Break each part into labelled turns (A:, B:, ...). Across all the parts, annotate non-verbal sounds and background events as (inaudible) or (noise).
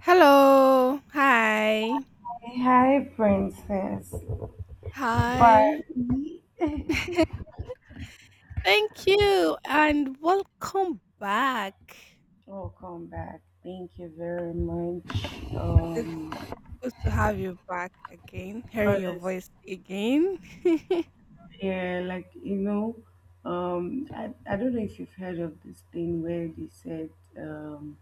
A: Hello. Hi.
B: Hi, Princess
A: Hi.
B: Barbie. (laughs)
A: Thank you and welcome back.
B: Welcome back. Thank you very much.
A: It's
B: Um,
A: good to have you back again, hearing your voice again. (laughs)
B: Yeah, I don't know if you've heard of this thing where they said um,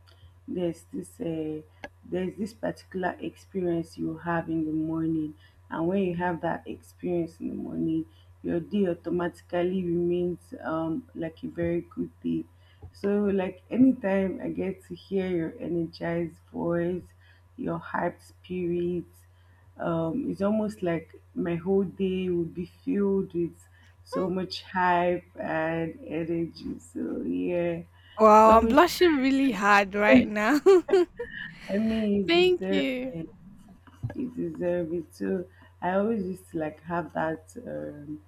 B: there's this uh, there's this particular experience you have in the morning, and when you have that experience in the morning, your day automatically remains like a very good day. So like anytime I get to hear your energized voice, your hyped spirit it's almost like my whole day would be filled with so much hype and energy. So yeah, it's
A: Wow, I'm
B: always
A: blushing really hard right now.
B: I
A: (laughs)
B: mean, it's
A: Thank
B: there.
A: you.
B: You deserve it. So I always used to like have that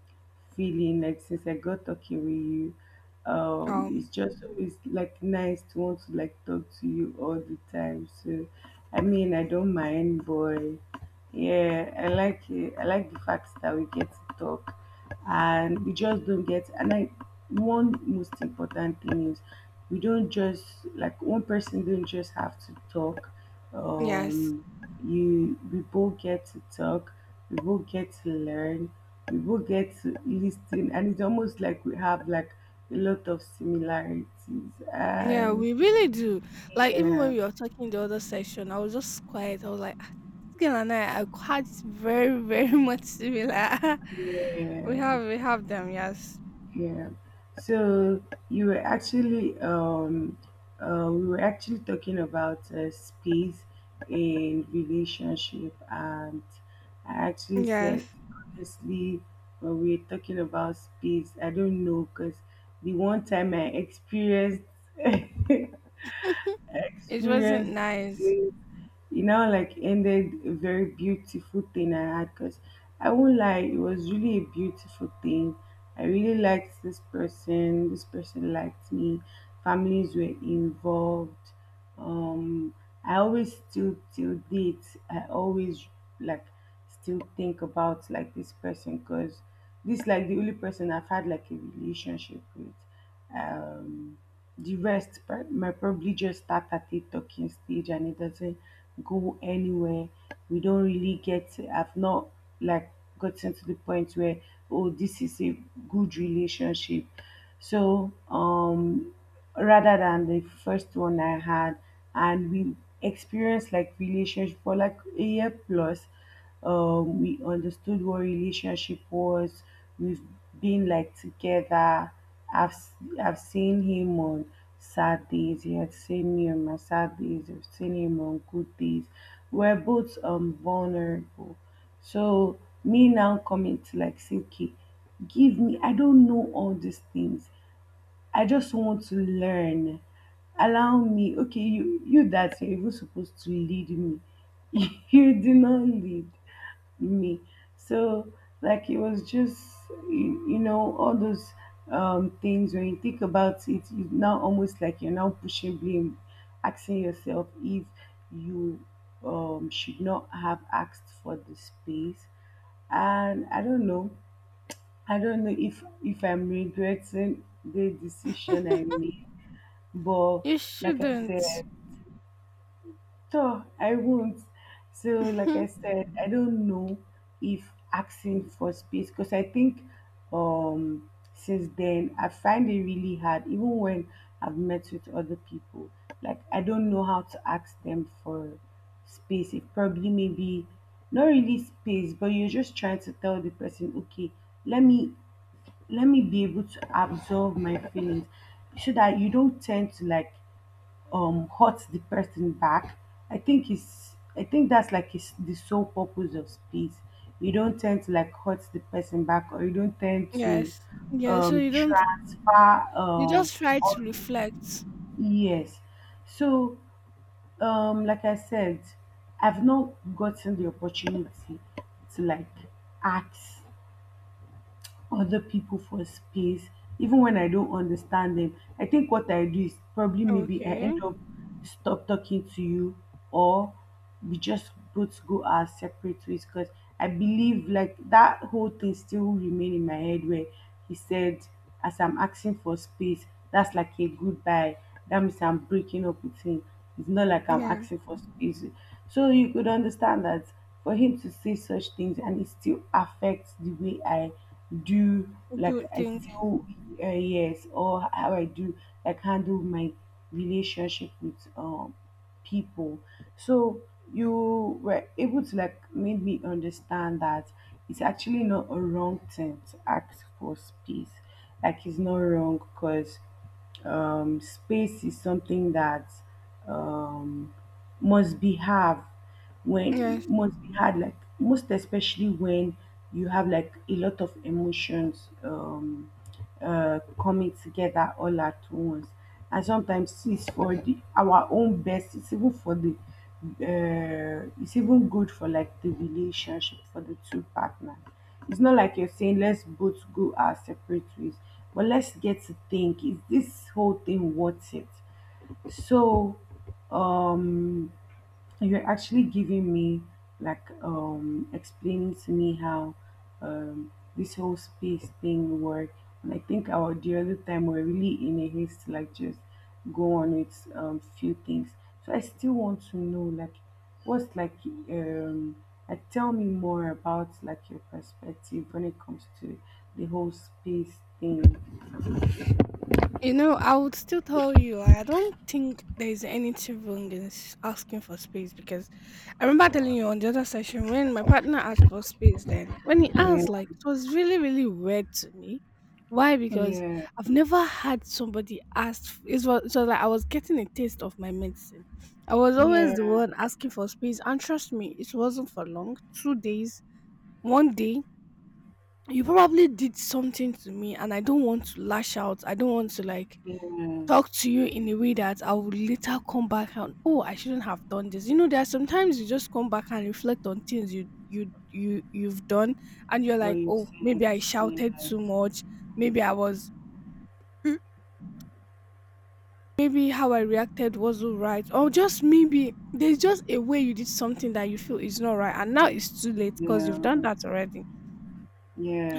B: feeling like since I got talking with you,
A: Um,
B: it's just always like nice to want to like talk to you all the time. So I mean I don't mind boy. Yeah, I like it. I like the fact that we get to talk and we just don't get and I one most important thing is we don't just like one person don't just have to talk
A: yes.
B: um you we both get to talk, we both get to learn, we both get to listen, and it's almost like we have like a lot of similarities.
A: Yeah,
B: And
A: we really do. Like even when
B: yeah,
A: we were talking the other session, I was just quiet. I was like, "Ah, this girl and I are quite very, very much similar." (laughs) we
B: yeah.
A: have we have them, yes.
B: Yeah. So you were actually we were actually talking about space in relationship, and I actually said
A: Yes.
B: honestly, when we were talking about space, I don't know because the one time I experienced (laughs)
A: (laughs) It wasn't
B: experience
A: nice.
B: with you know like ended a very beautiful thing I had, because I won't lie, it was really a beautiful thing. I really liked this person, this person liked me, families were involved. um I always, still till date, I always like still think about like this person, because this like the only person I've had like a relationship with. um the might probably just start at a talking stage and it doesn't go anywhere. We don't really get. I've not like gotten to the point where oh this is a good relationship. So rather than the first one I had, and we experienced like relationship for like a year plus. We understood what relationship was. We've been like together. I've s- I've seen him on sad days. He had seen me on my sad days. I've seen him on good days. We're both vulnerable. So me now coming to like say, okay, give me. I don't know all these things. I just want to learn. Allow me. Okay, you that you're even supposed to lead me. (laughs) you do not lead me. So, like, it was just, all those things when you think about it, you now almost like you're now pushing blame, asking yourself if you should not have asked for the space. And I don't know if I'm regretting the decision I
A: (laughs)
B: made, but
A: You
B: like I
A: shouldn't.
B: said. So I won't. So, like I
A: (laughs)
B: said, I don't know if asking for space, because I think um since then I find it really hard, even when I've met with other people. Like I don't know how to ask them for space. It probably maybe not really space, but you're just trying to tell the person, okay, let me let me be able to absorb my feelings so that you don't tend to like hurt the person back. I think that's like it's the sole purpose of space. You don't tend to like hurt the person back, or you don't tend to
A: Yes. Yeah, so you don't,
B: transfer
A: you just try
B: all,
A: to reflect.
B: yes. So like I said, I've not gotten the opportunity to like ask other people for space. Even when I don't understand them, I think what I do is probably maybe I
A: Okay.
B: end up stop talking to you, or we just both go our separate ways, because I believe like that whole thing still remain in my head where he said, as I'm asking for space, that's like a goodbye, that means I'm breaking up with him. It's not like I'm
A: Yeah.
B: asking for space. So you could understand that for him to say such things, and it still affects the way I do, like
A: Do
B: I
A: think.
B: feel, yes, or how I do like handle my relationship with people. So you were able to like make me understand that it's actually not a wrong thing to ask for space. Like it's not wrong, because space is something that um, must be have when
A: Yes.
B: must be hard, like most especially when you have like a lot of emotions coming together all at once, and sometimes it's for the our own best, it's even for the it's even good for like the relationship, for the two partners. It's not like you're saying let's both go our separate ways, but let's get to think, is this whole thing worth it? So um and you're actually giving me like explaining to me how this whole space thing work. And I think our the other time we're really in a haste to like just go on with few things. So I still want to know like what's like tell me more about like your perspective when it comes to the whole space thing.
A: You know, I would still tell you, like, I don't think there's anything wrong in asking for space, because I remember telling you on the other session when my partner asked for space. Then when he
B: Yeah.
A: asked, like, it was really, really weird to me. Why? Because
B: Yeah,
A: I've never had somebody ask. It was so like I was getting a taste of my medicine. I was always the
B: yeah,
A: one asking for space, and trust me, it wasn't for long, 2 days, one day. You probably did something to me, and I don't want to lash out. I don't want to, like,
B: yeah.
A: talk to you in a way that I would later come back and, oh, I shouldn't have done this. You know, there are sometimes you just come back and reflect on things you've done, and you're
B: What
A: like,
B: you
A: oh,
B: said,
A: maybe I
B: yes,
A: shouted too much, maybe I was, Mm. maybe how I reacted wasn't right, or just maybe there's just a way you did something that you feel is not right, and now it's too late because
B: yeah.
A: you've done that already.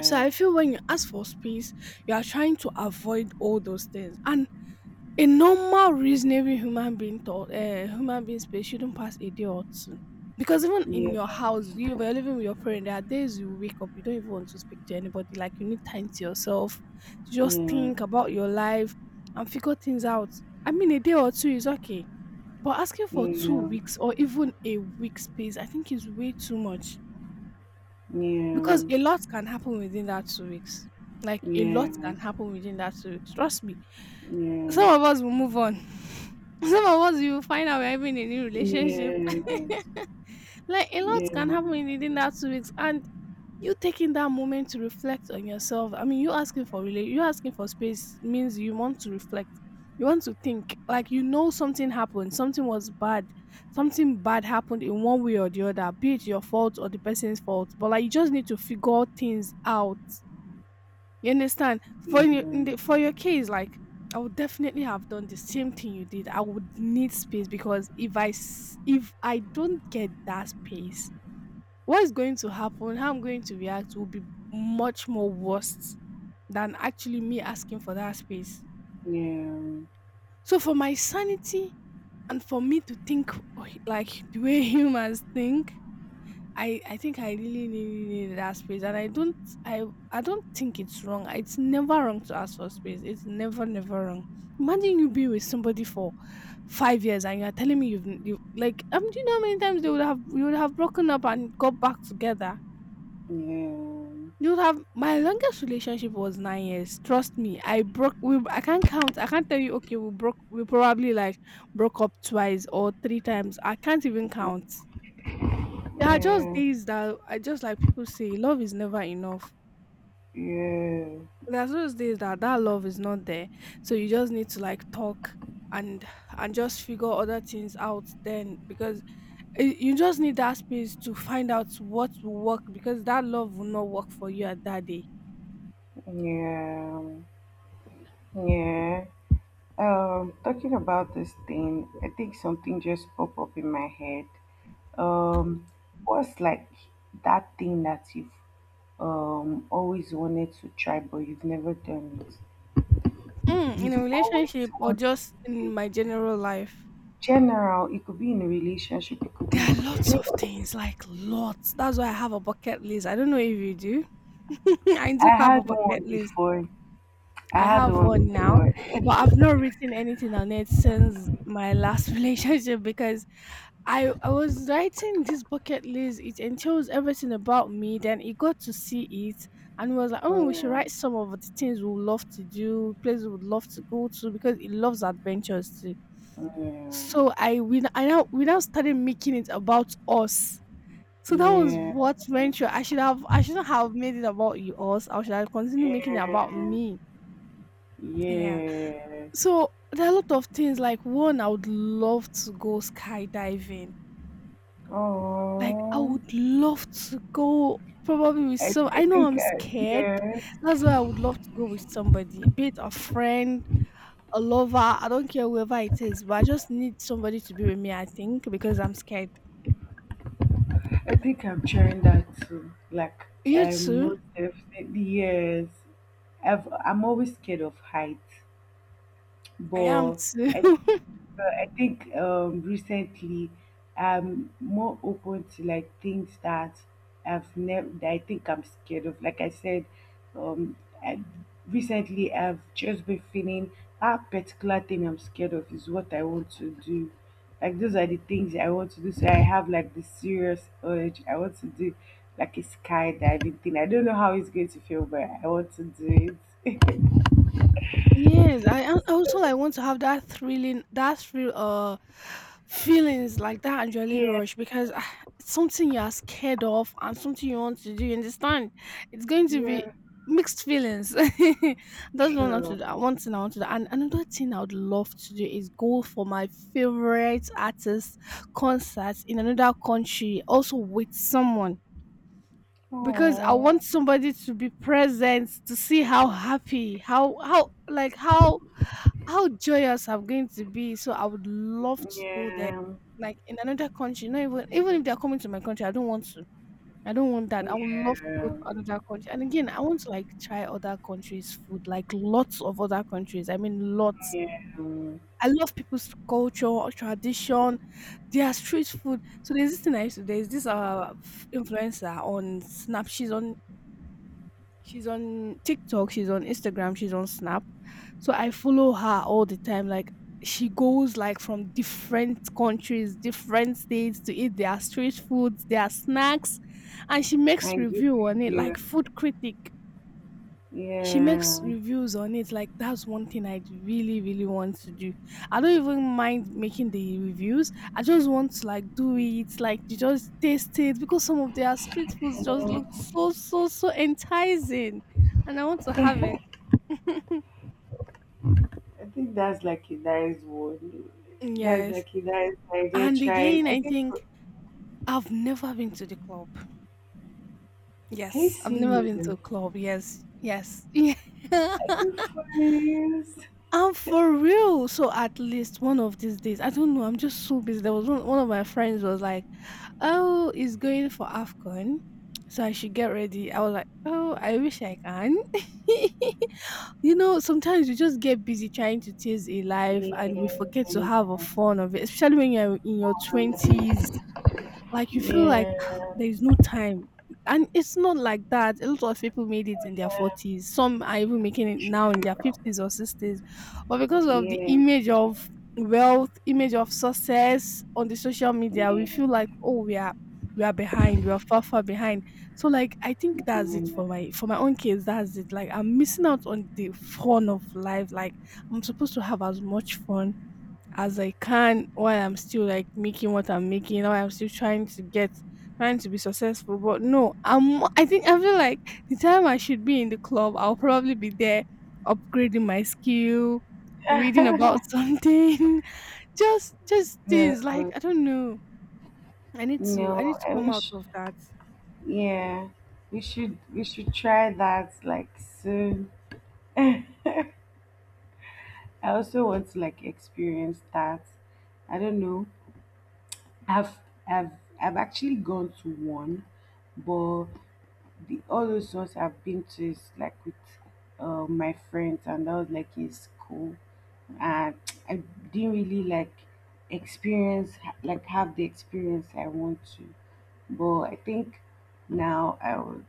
A: So I feel when you ask for space, you are trying to avoid all those things. And a normal, reasonable human being thought, human being, space shouldn't pass a day or two. Because even in
B: Yes.
A: your house, you are living with your parent, there are days you wake up, you don't even want to speak to anybody. Like you need time to yourself to just
B: Yeah.
A: think about your life and figure things out. I mean, a day or two is okay, but asking for
B: Yeah.
A: two
B: Yeah.
A: weeks or even a week space, I think is way too much. Because
B: Yes.
A: a lot can happen within that 2 weeks. Like a lot
B: Yeah.
A: can
B: Yes.
A: happen within that 2 weeks. Trust me,
B: Yeah.
A: some of us will move on. (laughs) Some of us, you will find out we're having a new relationship.
B: Yeah.
A: (laughs) Like a lot
B: Yeah.
A: can happen in
B: Yeah.
A: within that 2 weeks, and you taking that moment to reflect on yourself, I mean, you asking for you asking for space means you want to reflect. You want to think, like, you know, something happened, something was bad, something bad happened in one way or the other, be it your fault or the person's fault, but like you just need to figure things out. You understand? For your, in the, for your case, like I would definitely have done the same thing you did. I would need space, because if if I don't get that space, what is going to happen? How I'm going to react will be much more worse than actually me asking for that space. So for my sanity and for me to think, oh, like the way (laughs) humans think, I think I really, really needed that space, and I don't, I don't think it's wrong. It's never wrong to ask for space. It's never, never wrong. Imagine you be with somebody for 5 years, and you are telling me you've you like. Do you know how many times they would have, you would have broken up and got back together? You would have, my longest relationship was 9 years. Trust me, I broke. We, I can't count. I can't tell you. Okay, we broke. We probably like broke up twice or three times. I can't even count. There are just days that I just like, people say, love is never enough. There are those days that that love is not there, so you just need to like talk and and just figure other things out then, because you just need that space to find out what will work, because that love will not work for you at that day.
B: Yeah. Yeah. Yeah. yeah. Talking about this thing, I think something just popped up in my head. Um, what's like that thing that you've always wanted to try but you've never done it?
A: Mm, in
B: You've
A: a
B: always
A: relationship or
B: wanted
A: just in
B: in
A: my general life,
B: general, it could be in a relationship, it could
A: there
B: be
A: are lots of things, like lots. That's why I have a bucket list. I don't know if you do. (laughs) I do
B: I
A: have
B: had
A: a
B: one
A: bucket list.
B: before, I
A: I
B: had
A: have one
B: one
A: now,
B: before.
A: but I've not written anything on it since my last (laughs) relationship, because I was writing this bucket list. It entails everything about me. Then he got to see it and was like, "Oh, we should write some of the things we would love to do, places we would love to go to, because he loves adventures too." So I, I now, we now started making it about us. So
B: Yeah,
A: that was
B: yeah,
A: what went through. I should have, I shouldn't have made it about you, us. I should have continued making it about
B: yeah,
A: me. Yeah.
B: yeah, yes.
A: So, there are a lot of things, like one, I would love to go skydiving. Like I
B: Oh,
A: would love to go probably with some,
B: I
A: I know
B: think
A: I'm
B: I,
A: scared.
B: yeah,
A: That's why I would love to go with somebody, be it a friend, a lover, I don't care whoever it is, but I just need somebody to be with me, I think, because I'm scared.
B: I think I'm sharing that too, like
A: You
B: I
A: too.
B: most definitely yes. I'm always scared of height,
A: I am
B: but I
A: too. (laughs)
B: but I think recently I'm more open to like things that I've never that I think I'm scared of. Like I said, um, I, recently I've just been feeling that particular thing I'm scared of is what I want to do. Like those are the things I want to do. So I have like the serious urge. I want to do like a skydiving thing. I don't know how it's going to feel, but I want to do it. (laughs)
A: Yes, I also I want to have that thrilling, that thrill, feelings, like that Anjali
B: Yeah,
A: rush, because ah, it's something you are scared of and something you want to do. You understand? It's going to be
B: yeah,
A: mixed feelings. (laughs) That's one I want to
B: true.
A: do. I want to do. And another thing I would love to do is go for my favorite artist concerts in another country, also with someone, because I want
B: Aww.
A: somebody to be present to see how happy, how, like how joyous I'm going to be. So I would love to go there,
B: Yeah,
A: like in another country. Not even, even if they're coming to my country, I don't want to. I don't want that. I would love to go
B: yeah,
A: to another country. And again, I want to like try other countries' food, like lots of other countries. I mean, lots.
B: yeah.
A: I love people's culture, tradition, their street food. So there's this thing I used to. There's this influencer on Snap. She's on TikTok, she's on Instagram, she's on Snap. So I follow her all the time. Like she goes like from different countries, different states to eat their street foods, their snacks, and she makes
B: I give
A: review on it, like
B: you.
A: food critic, she makes
B: Yeah,
A: reviews on it. Like that's one thing I really, really want to do. I don't even mind making the reviews, I just want to like do it, like you just taste it, because some of their street foods just look so, so, so enticing, and I want to have it. (laughs)
B: I think that's like a nice one. That's
A: Yes.
B: like a nice idea.
A: And
B: Trying,
A: again,
B: I
A: I
B: think. For,
A: think I've never been to the club.
B: are you
A: Yes, I've never
B: serious?
A: been to a club. Yes, yes. (laughs) Yeah.
B: Are you serious?
A: I'm for real. So at least one of these days, I don't know. I'm just so busy. There was one, one of my friends was like, "Oh, he's going for Afcon, so I should get ready." I was like, "Oh, I wish I can." (laughs) You know, sometimes we just get busy trying to chase a life, and we forget to have a fun of it, especially when you're in your twenties, like you
B: Yeah,
A: feel like (sighs)
B: yeah,
A: there is no time. And it's not like that. A lot of people made it in their
B: yeah.
A: 40s. Some are even making it
B: True.
A: now in their 50s or 60s. But because of the
B: Yeah,
A: image of wealth, image of success on the social media, we
B: yeah,
A: feel like, oh, we are behind. We are far, far behind. So like I think that's it
B: yeah.
A: for my, for my own case. That's it. Like I'm missing out on the fun of life. Like I'm supposed to have as much fun as I can while I'm still like making what I'm making, while I'm still trying to get, trying to be successful. But no, I think I feel like the time I should be in the club, I'll probably be there upgrading my skill,
B: (laughs)
A: reading about (laughs) something. (laughs) Just things, like
B: no,
A: I don't know. I need to I need
B: no.
A: to
B: I
A: come out
B: wish.
A: of that.
B: Yeah, we should try that like soon. (laughs) I also want to like experience that. I don't know. I've I've I've actually gone to one, but the all those ones I've been to is like with my friends, and that was like in school. And (tsk) I didn't really like experience like have the experience I want to. But I think now I would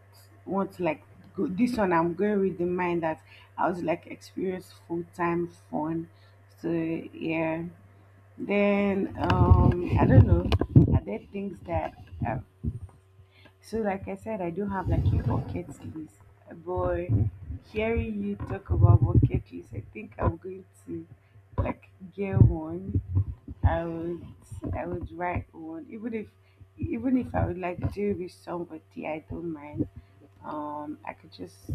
B: want to like go this one. I'm going with the mind that I was like experience full time fun. So yeah. Then I don't know. Are there things that uh, so like I said, I do have like a bucket list, but hearing you talk about bucket list, I think I'm going to like get one. I would I would write one, even if I would like do with somebody, I don't mind. I could just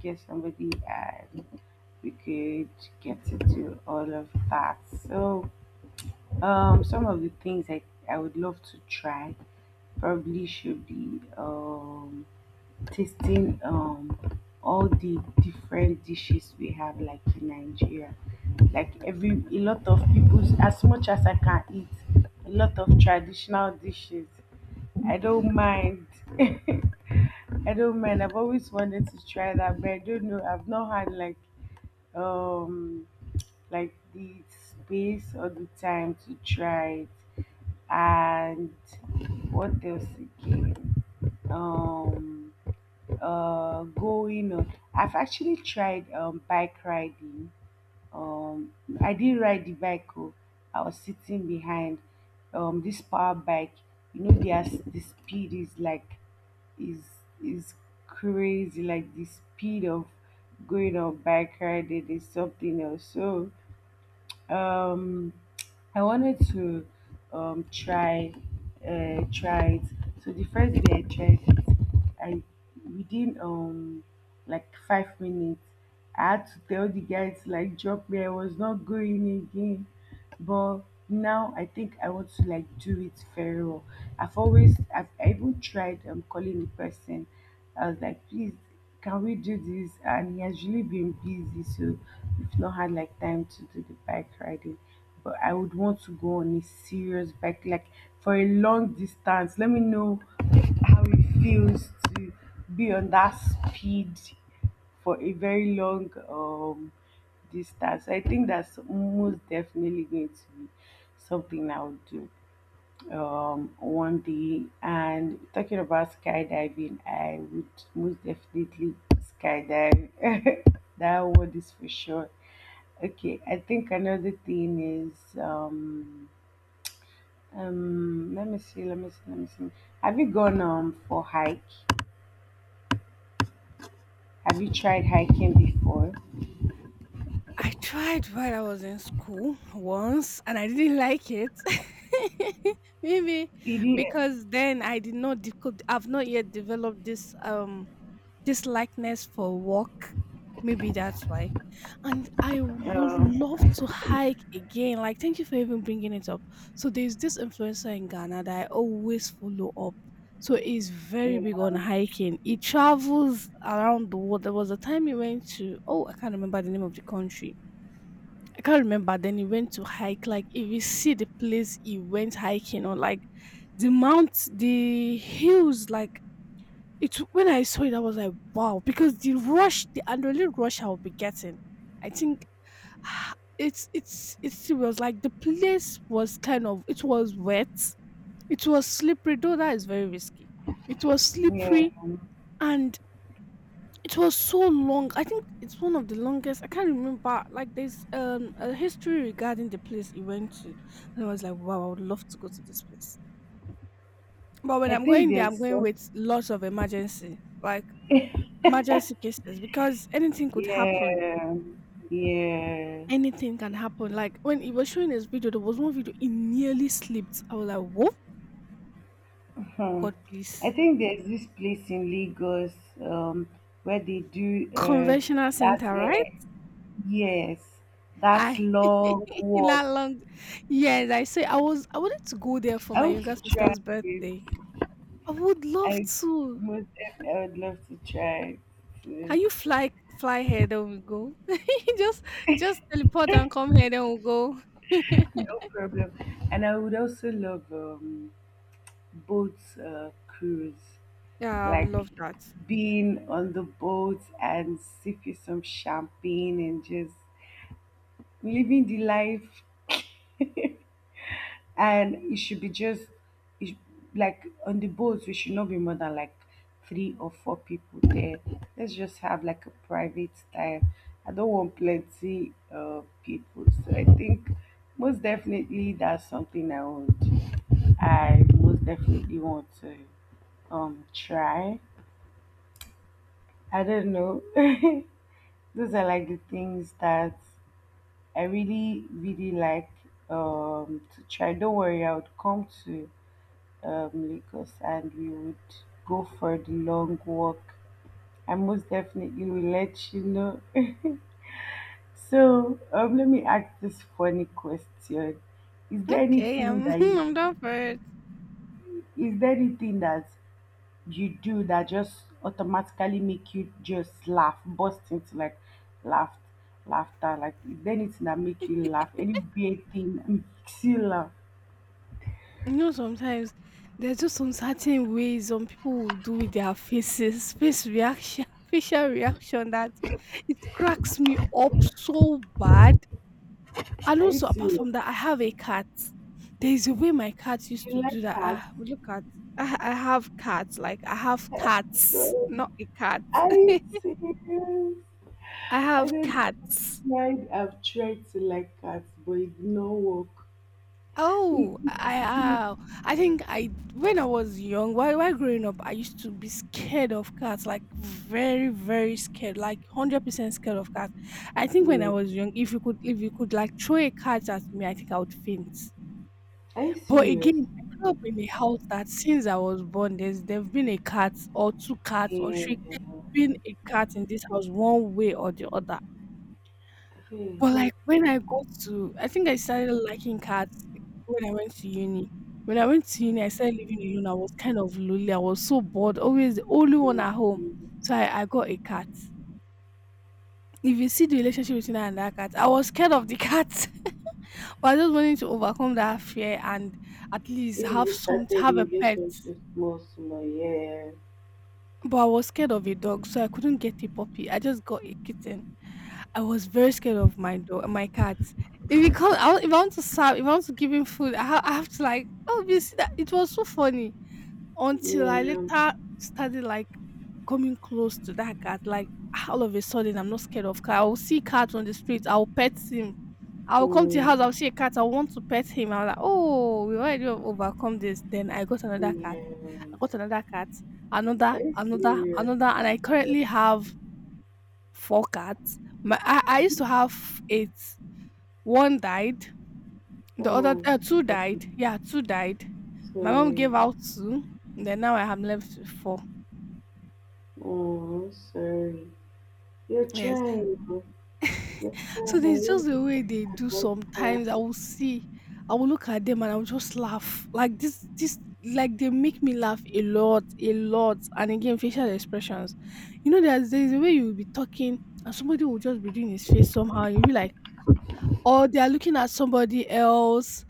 B: get somebody and we could get to do all of that. So some of the things I would love to try probably should be tasting all the different dishes we have like in Nigeria. Like every a lot of people, as much as I can eat, a lot of traditional dishes. I don't mind. (laughs) I don't mind. I've always wanted to try that, but I don't know, I've not had um like the space or the time to try it, and what else again? Um, going on, I've actually tried bike riding. Um, I did ride the bike. Oh. I was sitting behind this power bike. You know, there's the speed is like is is crazy. Like the speed of going on bike riding is something else. So um I wanted to um try try it. So the first day I tried it, I within like 5 minutes I had to tell the guy to like drop me. I was not going again. But now I think I want to like do it very well. I've I even tried calling the person. I was like please, can we do this? And he has really been busy, so we've not had like time to do the bike riding. But I would want to go on a serious bike, like for a long distance. Let me know how it feels to be on that speed for a very long distance. I think that's most definitely going to be something I would do one day. And talking about skydiving, I would most definitely skydive. (laughs) That word is for sure. Okay, I think another thing is let me see. Have you gone for hike? Have you tried hiking before?
A: I tried while I was in school once and I didn't like it. (laughs) Maybe
B: It is,
A: because then I've not yet developed this this likeness for walk. Maybe that's why. And I would love
B: um,
A: to hike again. Like thank you for even bringing it up. So there's this influencer in Ghana that I always follow up. So he's very big
B: yeah,
A: on hiking. He travels around the world. There was a time he went to, oh, I can't remember the name of the country, I can't remember. Then he went to hike. Like if you see the place he went hiking on, like the mount, the hills, like it. When I saw it, I was like, wow, because the rush, the adrenaline rush I will be getting. I think (sighs) it's serious. Like the place was kind of it was wet, it was slippery. Though that is very risky. It was
B: yeah.
A: slippery and it was so long. I think it's one of the longest. I can't remember. Like there's a history regarding the place he went to, and I was like, wow, I would love to go to this place. But when
B: I
A: I'm
B: think
A: going there,
B: there's
A: I'm going
B: some,
A: with lots of emergency, like emergency cases, because anything could happen.
B: yeah, yeah.
A: Anything can happen. Like when he was showing his video, there was one video he nearly slipped. I was like, whoa,
B: Hmm.
A: God,
B: I
A: please.
B: think there's this place in Lagos, um, where they do
A: Conventional
B: that,
A: center, right?
B: uh, yes, that
A: I
B: long
A: (laughs) in that
B: walk.
A: long, yes, I say I was I wanted to go there for
B: I
A: my
B: want
A: younger
B: to try
A: sister's
B: it.
A: birthday. I would love
B: I
A: to.
B: I would love to try it
A: Can
B: too.
A: you fly here then we go? (laughs) just just teleport and come here then we'll go. (laughs)
B: No problem. And I would also love, boat, cruise,
A: Yeah, I would
B: like
A: love that.
B: being on the boat and sipping some champagne and just living the life, and it should be just it, like on the boat we should not be more than like three or four people there. Let's just have like a private time. I don't want plenty people, so I think most definitely that's something I would, I most definitely want to try. I don't know. (laughs) Those are like the things that I really really like to try. Don't worry, I would come to, Lagos, and we would go for the long walk. I most definitely will let you know. (laughs) So, let me ask this funny question. Is there
A: Okay,
B: anything
A: I'm
B: that
A: (laughs)
B: you,
A: I'm down for it.
B: is there anything that you do that just automatically make you just laugh, burst into like laugh, laughter? Like, is there anything that make you laugh? Any weird thing that makes you laugh?
A: You know, sometimes there's just some certain ways some people will do with their faces, face reaction, (laughs) facial reaction that it cracks me up so bad. And
B: Are you
A: also, apart
B: serious?
A: from that, I have a cat. There is a way my cat used to
B: You like
A: do that.
B: cats?
A: Ah, we look at. I have cats. Like I have cats, not a cat.
B: (laughs)
A: (laughs)
B: I
A: I
B: serious. I
A: have
B: don't know.
A: cats.
B: Mind I've tried to like cats, but it did not work. It,
A: Oh,
B: it,
A: I think I when I was young, while growing up, I used to be scared of cats, like very scared, like 100% scared of cats. I think when I
B: it,
A: was young, if you could like throw a cat at me, I think I would faint.
B: Are you
A: But
B: serious?
A: again, I grew up in a house that since I was born, there've been a cat or two cats or
B: Yeah.
A: three. There's been a cat in this house one way or the other.
B: Hey.
A: But, like, when I go to I think I started liking cats when I went to uni. When I went to uni, I started living alone. I was kind of lonely. I was so bored, always the only one at home. So I got a cat. If you see the relationship between her and that cat, I was scared of the cat, (laughs) but I just wanted to overcome that fear and at least
B: If we started the
A: have a pet.
B: relationship small, small, yeah.
A: But I was scared of a dog, so I couldn't get a puppy. I just got a kitten. I was very scared of my dog, my cat. If you come, if I want to serve, if I want to give him food, I have to like. Obviously, that it was so funny. Until I
B: Yeah.
A: later started like coming close to that cat, like all of a sudden I'm not scared of cat. I'll see cats on the street, I'll pet him. I'll come to your
B: Mm,
A: house, I'll see a cat, I want to pet him. I'm like, oh, we already have overcome this. Then I got another cat.
B: yeah.
A: I got another cat, another,
B: Are you
A: another,
B: serious?
A: another, and I currently have four cats. I used to have eight. One died. The other
B: Oh,
A: two
B: seriously.
A: died. Yeah, two died. My mom
B: Sorry.
A: gave out two. Then now I am left with four.
B: Oh, sorry. You're
A: Yes.
B: trying. You're
A: So
B: trying. I
A: there's just
B: want to
A: the way
B: break
A: they do sometimes. I
B: a.
A: will see, I will look at them and I will just laugh. Like like they make me laugh a lot, a lot. And again, facial expressions. You know, there's a way you will be talking and somebody will just be doing his face somehow. You'll be like, oh, they are looking at somebody else.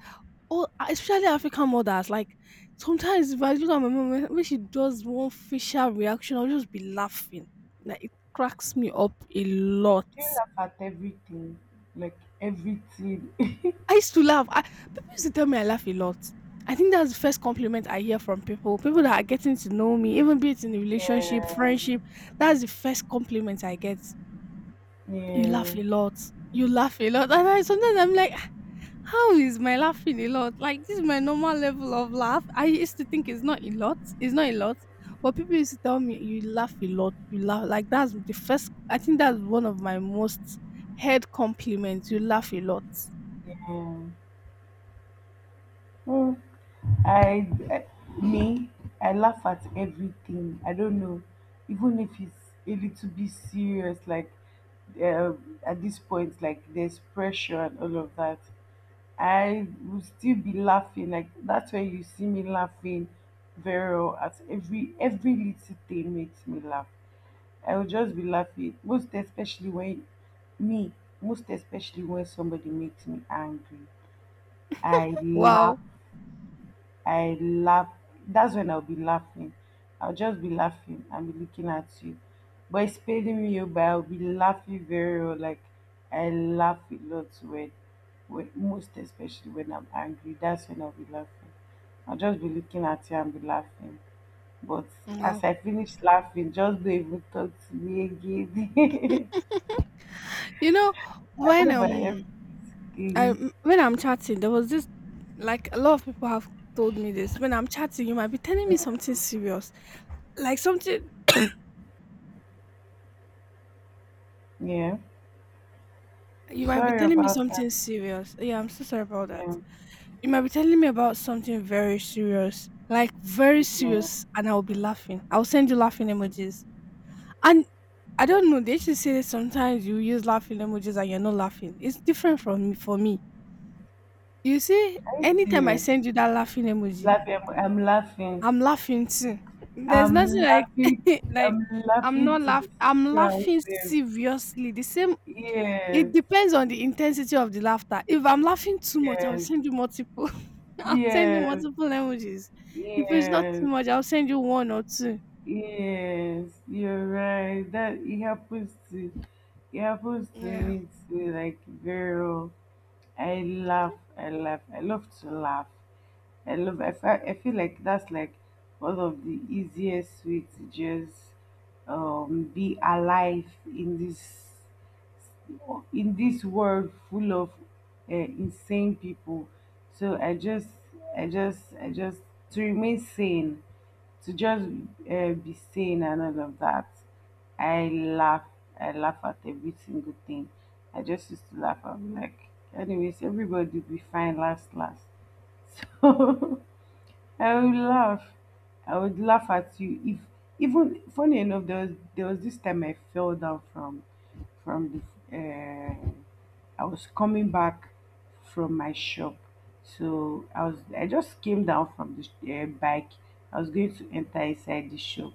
A: Oh, especially African mothers. Like sometimes if I look at my mom when she does one facial reaction, I'll just be laughing. Like it cracks me up a lot.
B: Do you laugh at everything? Like everything. (laughs)
A: I used to laugh. People used to tell me I laugh a lot. I think that's the first compliment I hear from people. People that are getting to know me, even be it in a relationship,
B: Yeah.
A: friendship, that's the first compliment I get. You laugh
B: Yeah.
A: a lot. You laugh a lot. And I sometimes I'm like, how is my laughing a lot? Like this is my normal level of laugh. I used to think it's not a lot. It's not a lot. But people used to tell me you laugh a lot. You laugh like that's the first I think that's one of my most heard compliments. You laugh a lot.
B: Yeah. Hmm. I, I me, I laugh at everything. I don't know, even if it's a little bit serious, like, uh, at this point, like there's pressure and all of that. I will still be laughing. Like that's why you see me laughing very well at every little thing makes me laugh. I will just be laughing, most especially when me most especially when somebody makes me angry, I laugh.
A: Wow.
B: I laugh. That's when I'll be laughing. I'll just be laughing and be looking at you. But it's paining me, oh, but I'll be laughing very well. Like I laugh a lot when most especially when I'm angry. That's when I'll be laughing. I'll just be looking at you and be laughing. But as
A: Wow.
B: I finish laughing, just don't even talk to me again.
A: You know,
B: (laughs) I
A: when
B: love
A: um I
B: everything.
A: m- when I'm chatting, there was this like a lot of people have told me this. When I'm chatting, you might be telling me something serious. Like something
B: Yeah.
A: you might be
B: Sorry
A: telling me
B: about that.
A: something serious. Yeah, I'm so sorry about that.
B: Yeah.
A: You might be telling me about something very serious. Like very
B: Yeah.
A: serious and I'll be laughing. I'll send you laughing emojis. And I don't know, they should say sometimes you use laughing emojis and you're not laughing. It's different from me for me. You see,
B: Are you
A: anytime I
B: serious?
A: send you that laughing emoji,
B: Laughing. I'm laughing.
A: I'm laughing too. There's nothing
B: I'm
A: like
B: laughing.
A: (laughs) like
B: I'm
A: I'm
B: laughing
A: not
B: to the
A: laughing. I'm
B: ground.
A: laughing seriously. The same. It
B: Yes,
A: depends on the intensity of the laughter. If I'm laughing too much, I will
B: yes,
A: send you multiple. (laughs) I'll send you
B: yes,
A: multiple emojis. If it's not too
B: yes, yes.
A: much, I'll send you one or two.
B: Yes. You're right. That it happens to It happens to
A: Yeah.
B: me too. Like very well. I laugh. I laugh. I love to laugh. I love. I feel like that's like one of the easiest way to just be alive in this, in this world full of, insane people, so I just, to remain sane, to just, be sane and all of that, I laugh. I laugh at every single thing. I just used to laugh. I'm like, anyways, everybody will be fine, last last. (laughs) So I would laugh. I would laugh at you if, even funny enough, there was this time I fell down from the, I was coming back from my shop. So I just came down from the bike. I was going to enter inside the shop.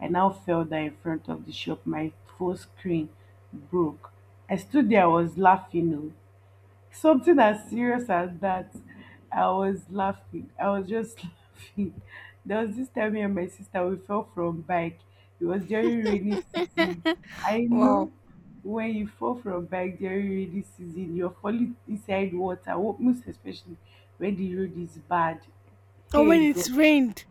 B: I now fell down in front of the shop. My full screen broke. I stood there, I was laughing. Oh. Something as serious as that, I was laughing. I was just (laughs) laughing. There was this time me and my sister we fell from bike. It was during rainy season. I
A: (laughs) Wow.
B: know, when you fall from bike during rainy season, you're falling inside water, most especially when the road is bad.
A: Or when
B: Hey
A: it's
B: God.
A: rained,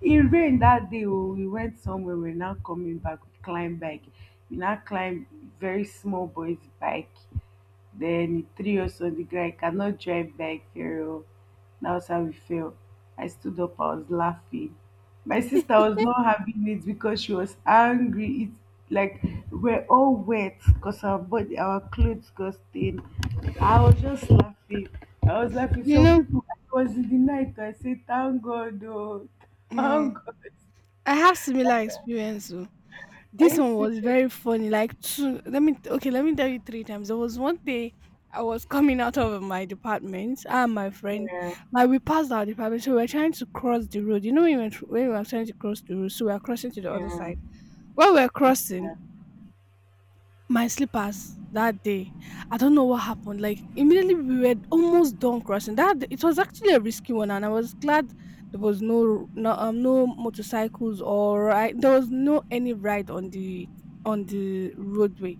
B: It rained that day. Oh, we went somewhere. We're now coming back. We climb bike. We now climb very small boy's bike. Then he threw us on the ground. I cannot drive back here. Oh. Now, sir, we fell. I stood up. I was laughing. My sister was not having it because she was angry. It's like we're all wet because our body, our clothes got stained. I was just laughing. I was laughing.
A: you
B: Some
A: know.
B: people. It was in the night. I said, "Thank God, oh,
A: Wow.
B: thank God."
A: I have similar experience.
B: Are
A: This
B: you
A: one was
B: serious?
A: very funny. Like two, let me tell you three times. There was one day I was coming out of my department and my friend,
B: Yeah,
A: like we passed our department, so we were trying to cross the road. You know when we were trying to cross the road, so we were crossing to the other
B: yeah,
A: side. While we were crossing,
B: yeah,
A: my slippers that day, I don't know what happened. Like immediately we were almost done crossing. It was actually a risky one, and I was glad there was no motorcycles or there was no any ride on the roadway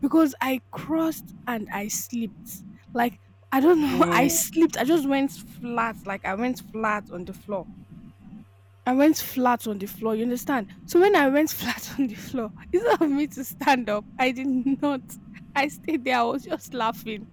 A: because I crossed and I slipped. Like I don't know, (laughs) I
B: yeah.
A: slipped. I just went flat. Like I went flat on the floor I went flat on the floor, you understand? So when I went (laughs) flat on the floor, instead of me to stand up, I did not. I stayed there. I was just laughing.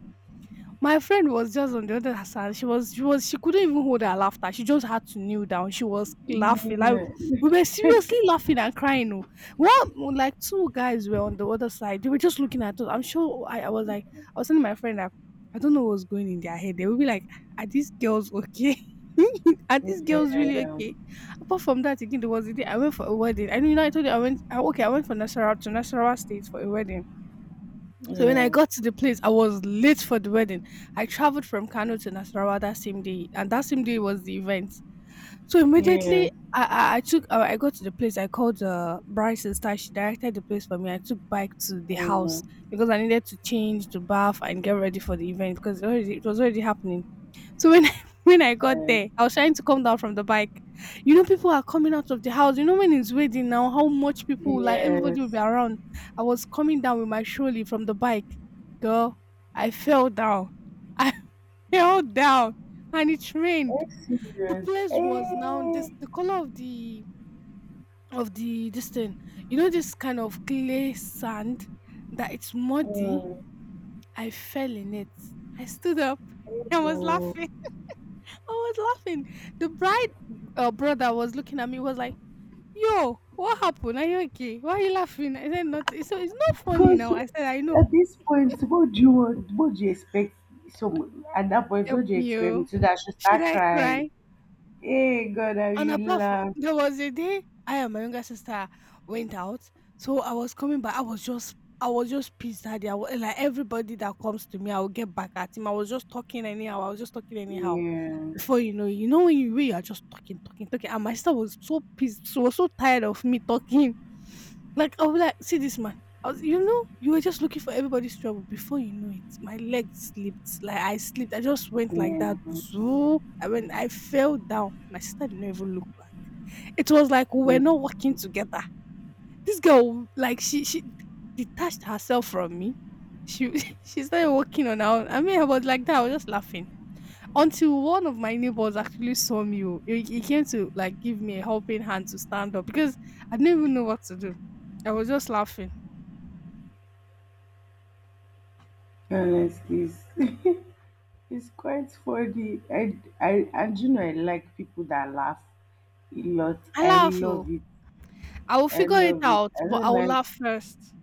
A: My friend was just on the other side. She couldn't even hold her laughter. She just had to kneel down. She was laughing. Like
B: Yeah.
A: we were seriously laughing and crying. Oh. One like two guys were on the other side. They were just looking at us. I'm sure I was like I was telling my friend that I don't know what's going in their head. They will be like, are these girls okay? (laughs) Are
B: Yeah,
A: these girls really
B: yeah.
A: okay? Apart from that, again, there was the day I went for a wedding. I mean, you know, I told you I went I went for Nasarawa to Nasarawa State for a wedding so when I
B: Yeah,
A: got to the place, I was late for the wedding. I traveled from Kano to Nasarawa that same day, and that same day was the event. So immediately,
B: yes,
A: I got to the place. I called the bride's sister. She directed the place for me. I took bike to the
B: I
A: house
B: know.
A: because I needed to change, to bath, and get ready for the event because it was already happening. So when (laughs) when I got
B: Yeah,
A: there, I was trying to come down from the bike. You know, people are coming out of the house. You know, when it's wedding now, how much people like everybody will be
B: yes.
A: around. I was coming down with my trolley from the bike. Girl, I fell down. (laughs) I fell down, and it rained. The
B: Experience.
A: place was now
B: Hey,
A: this the color of the this thing. You know, this kind of clay sand that it's muddy.
B: mm,
A: I fell in it. I stood up.
B: hey,
A: (laughs) I was
B: boo.
A: laughing. I was laughing. The bride brother was looking at me, was like, yo, what happened? Are you okay? Why are you laughing? I said, Not it's- so it's not funny now.
B: Because
A: I said, I know.
B: at this point, what do you want? What do you expect? So at that point,
A: Help
B: what do you
A: me.
B: expect me
A: Oh.
B: to do? I should
A: Should
B: start
A: I cry?
B: crying. Hey, God, I
A: And
B: will
A: apart from
B: laugh.
A: there was a day I and my younger sister went out. So I was coming back. I was just pissed that day. Like everybody that comes to me, I will get back at him. I was just talking anyhow. I was just talking anyhow.
B: Yeah,
A: Before you know when you are just talking, talking, talking, and my sister was so pissed, she was so tired of me talking. (laughs) Like I was like, see this man. I was, you know, you were just looking for everybody's trouble. Before you know it, my leg slipped. Like I slipped. I just went like that.
B: yeah.
A: Zoo. I went. I fell down. My sister didn't even look back. It was like we were not working together. This girl, like she detached herself from me. She (laughs) she started working on her own. I mean, I was like that. I was just laughing. Until one of my neighbors actually saw me, oh, he came to like give me a helping hand to stand up because I didn't even know what to do. I was just laughing.
B: Honestly, it's, (laughs) it's quite funny. I, and you know, I like people that laugh a lot.
A: I
B: I
A: laugh. Oh.
B: love it.
A: I will
B: I
A: figure it
B: love it.
A: out,
B: I
A: but
B: don't
A: I will
B: like.
A: laugh first.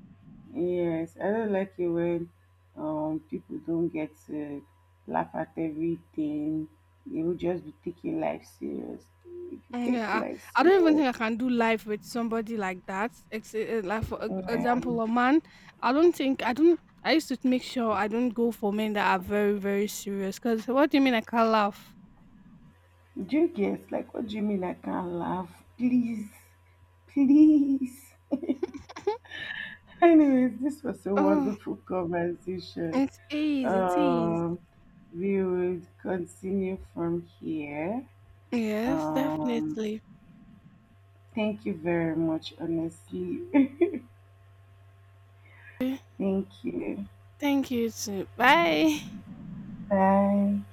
B: Yes, I don't like it when, people don't get to laugh at everything. They will just be taking life serious. If you
A: Mm,
B: take
A: yeah,
B: life
A: I don't even
B: serious,
A: think I can do life with somebody like that. For example,
B: um,
A: a man. I don't think I don't. I used to make sure I don't go for men that are very serious. Because what do you mean I can't laugh?
B: do you guess? Like what do you mean I can't laugh? Please, please. (laughs) Anyways, this was a
A: Oh,
B: wonderful conversation.
A: it is. It is.
B: Um, we will continue from here.
A: Yes,
B: Um,
A: definitely.
B: thank you very much, honestly. (laughs) Thank you.
A: Thank you too. Bye.
B: Bye.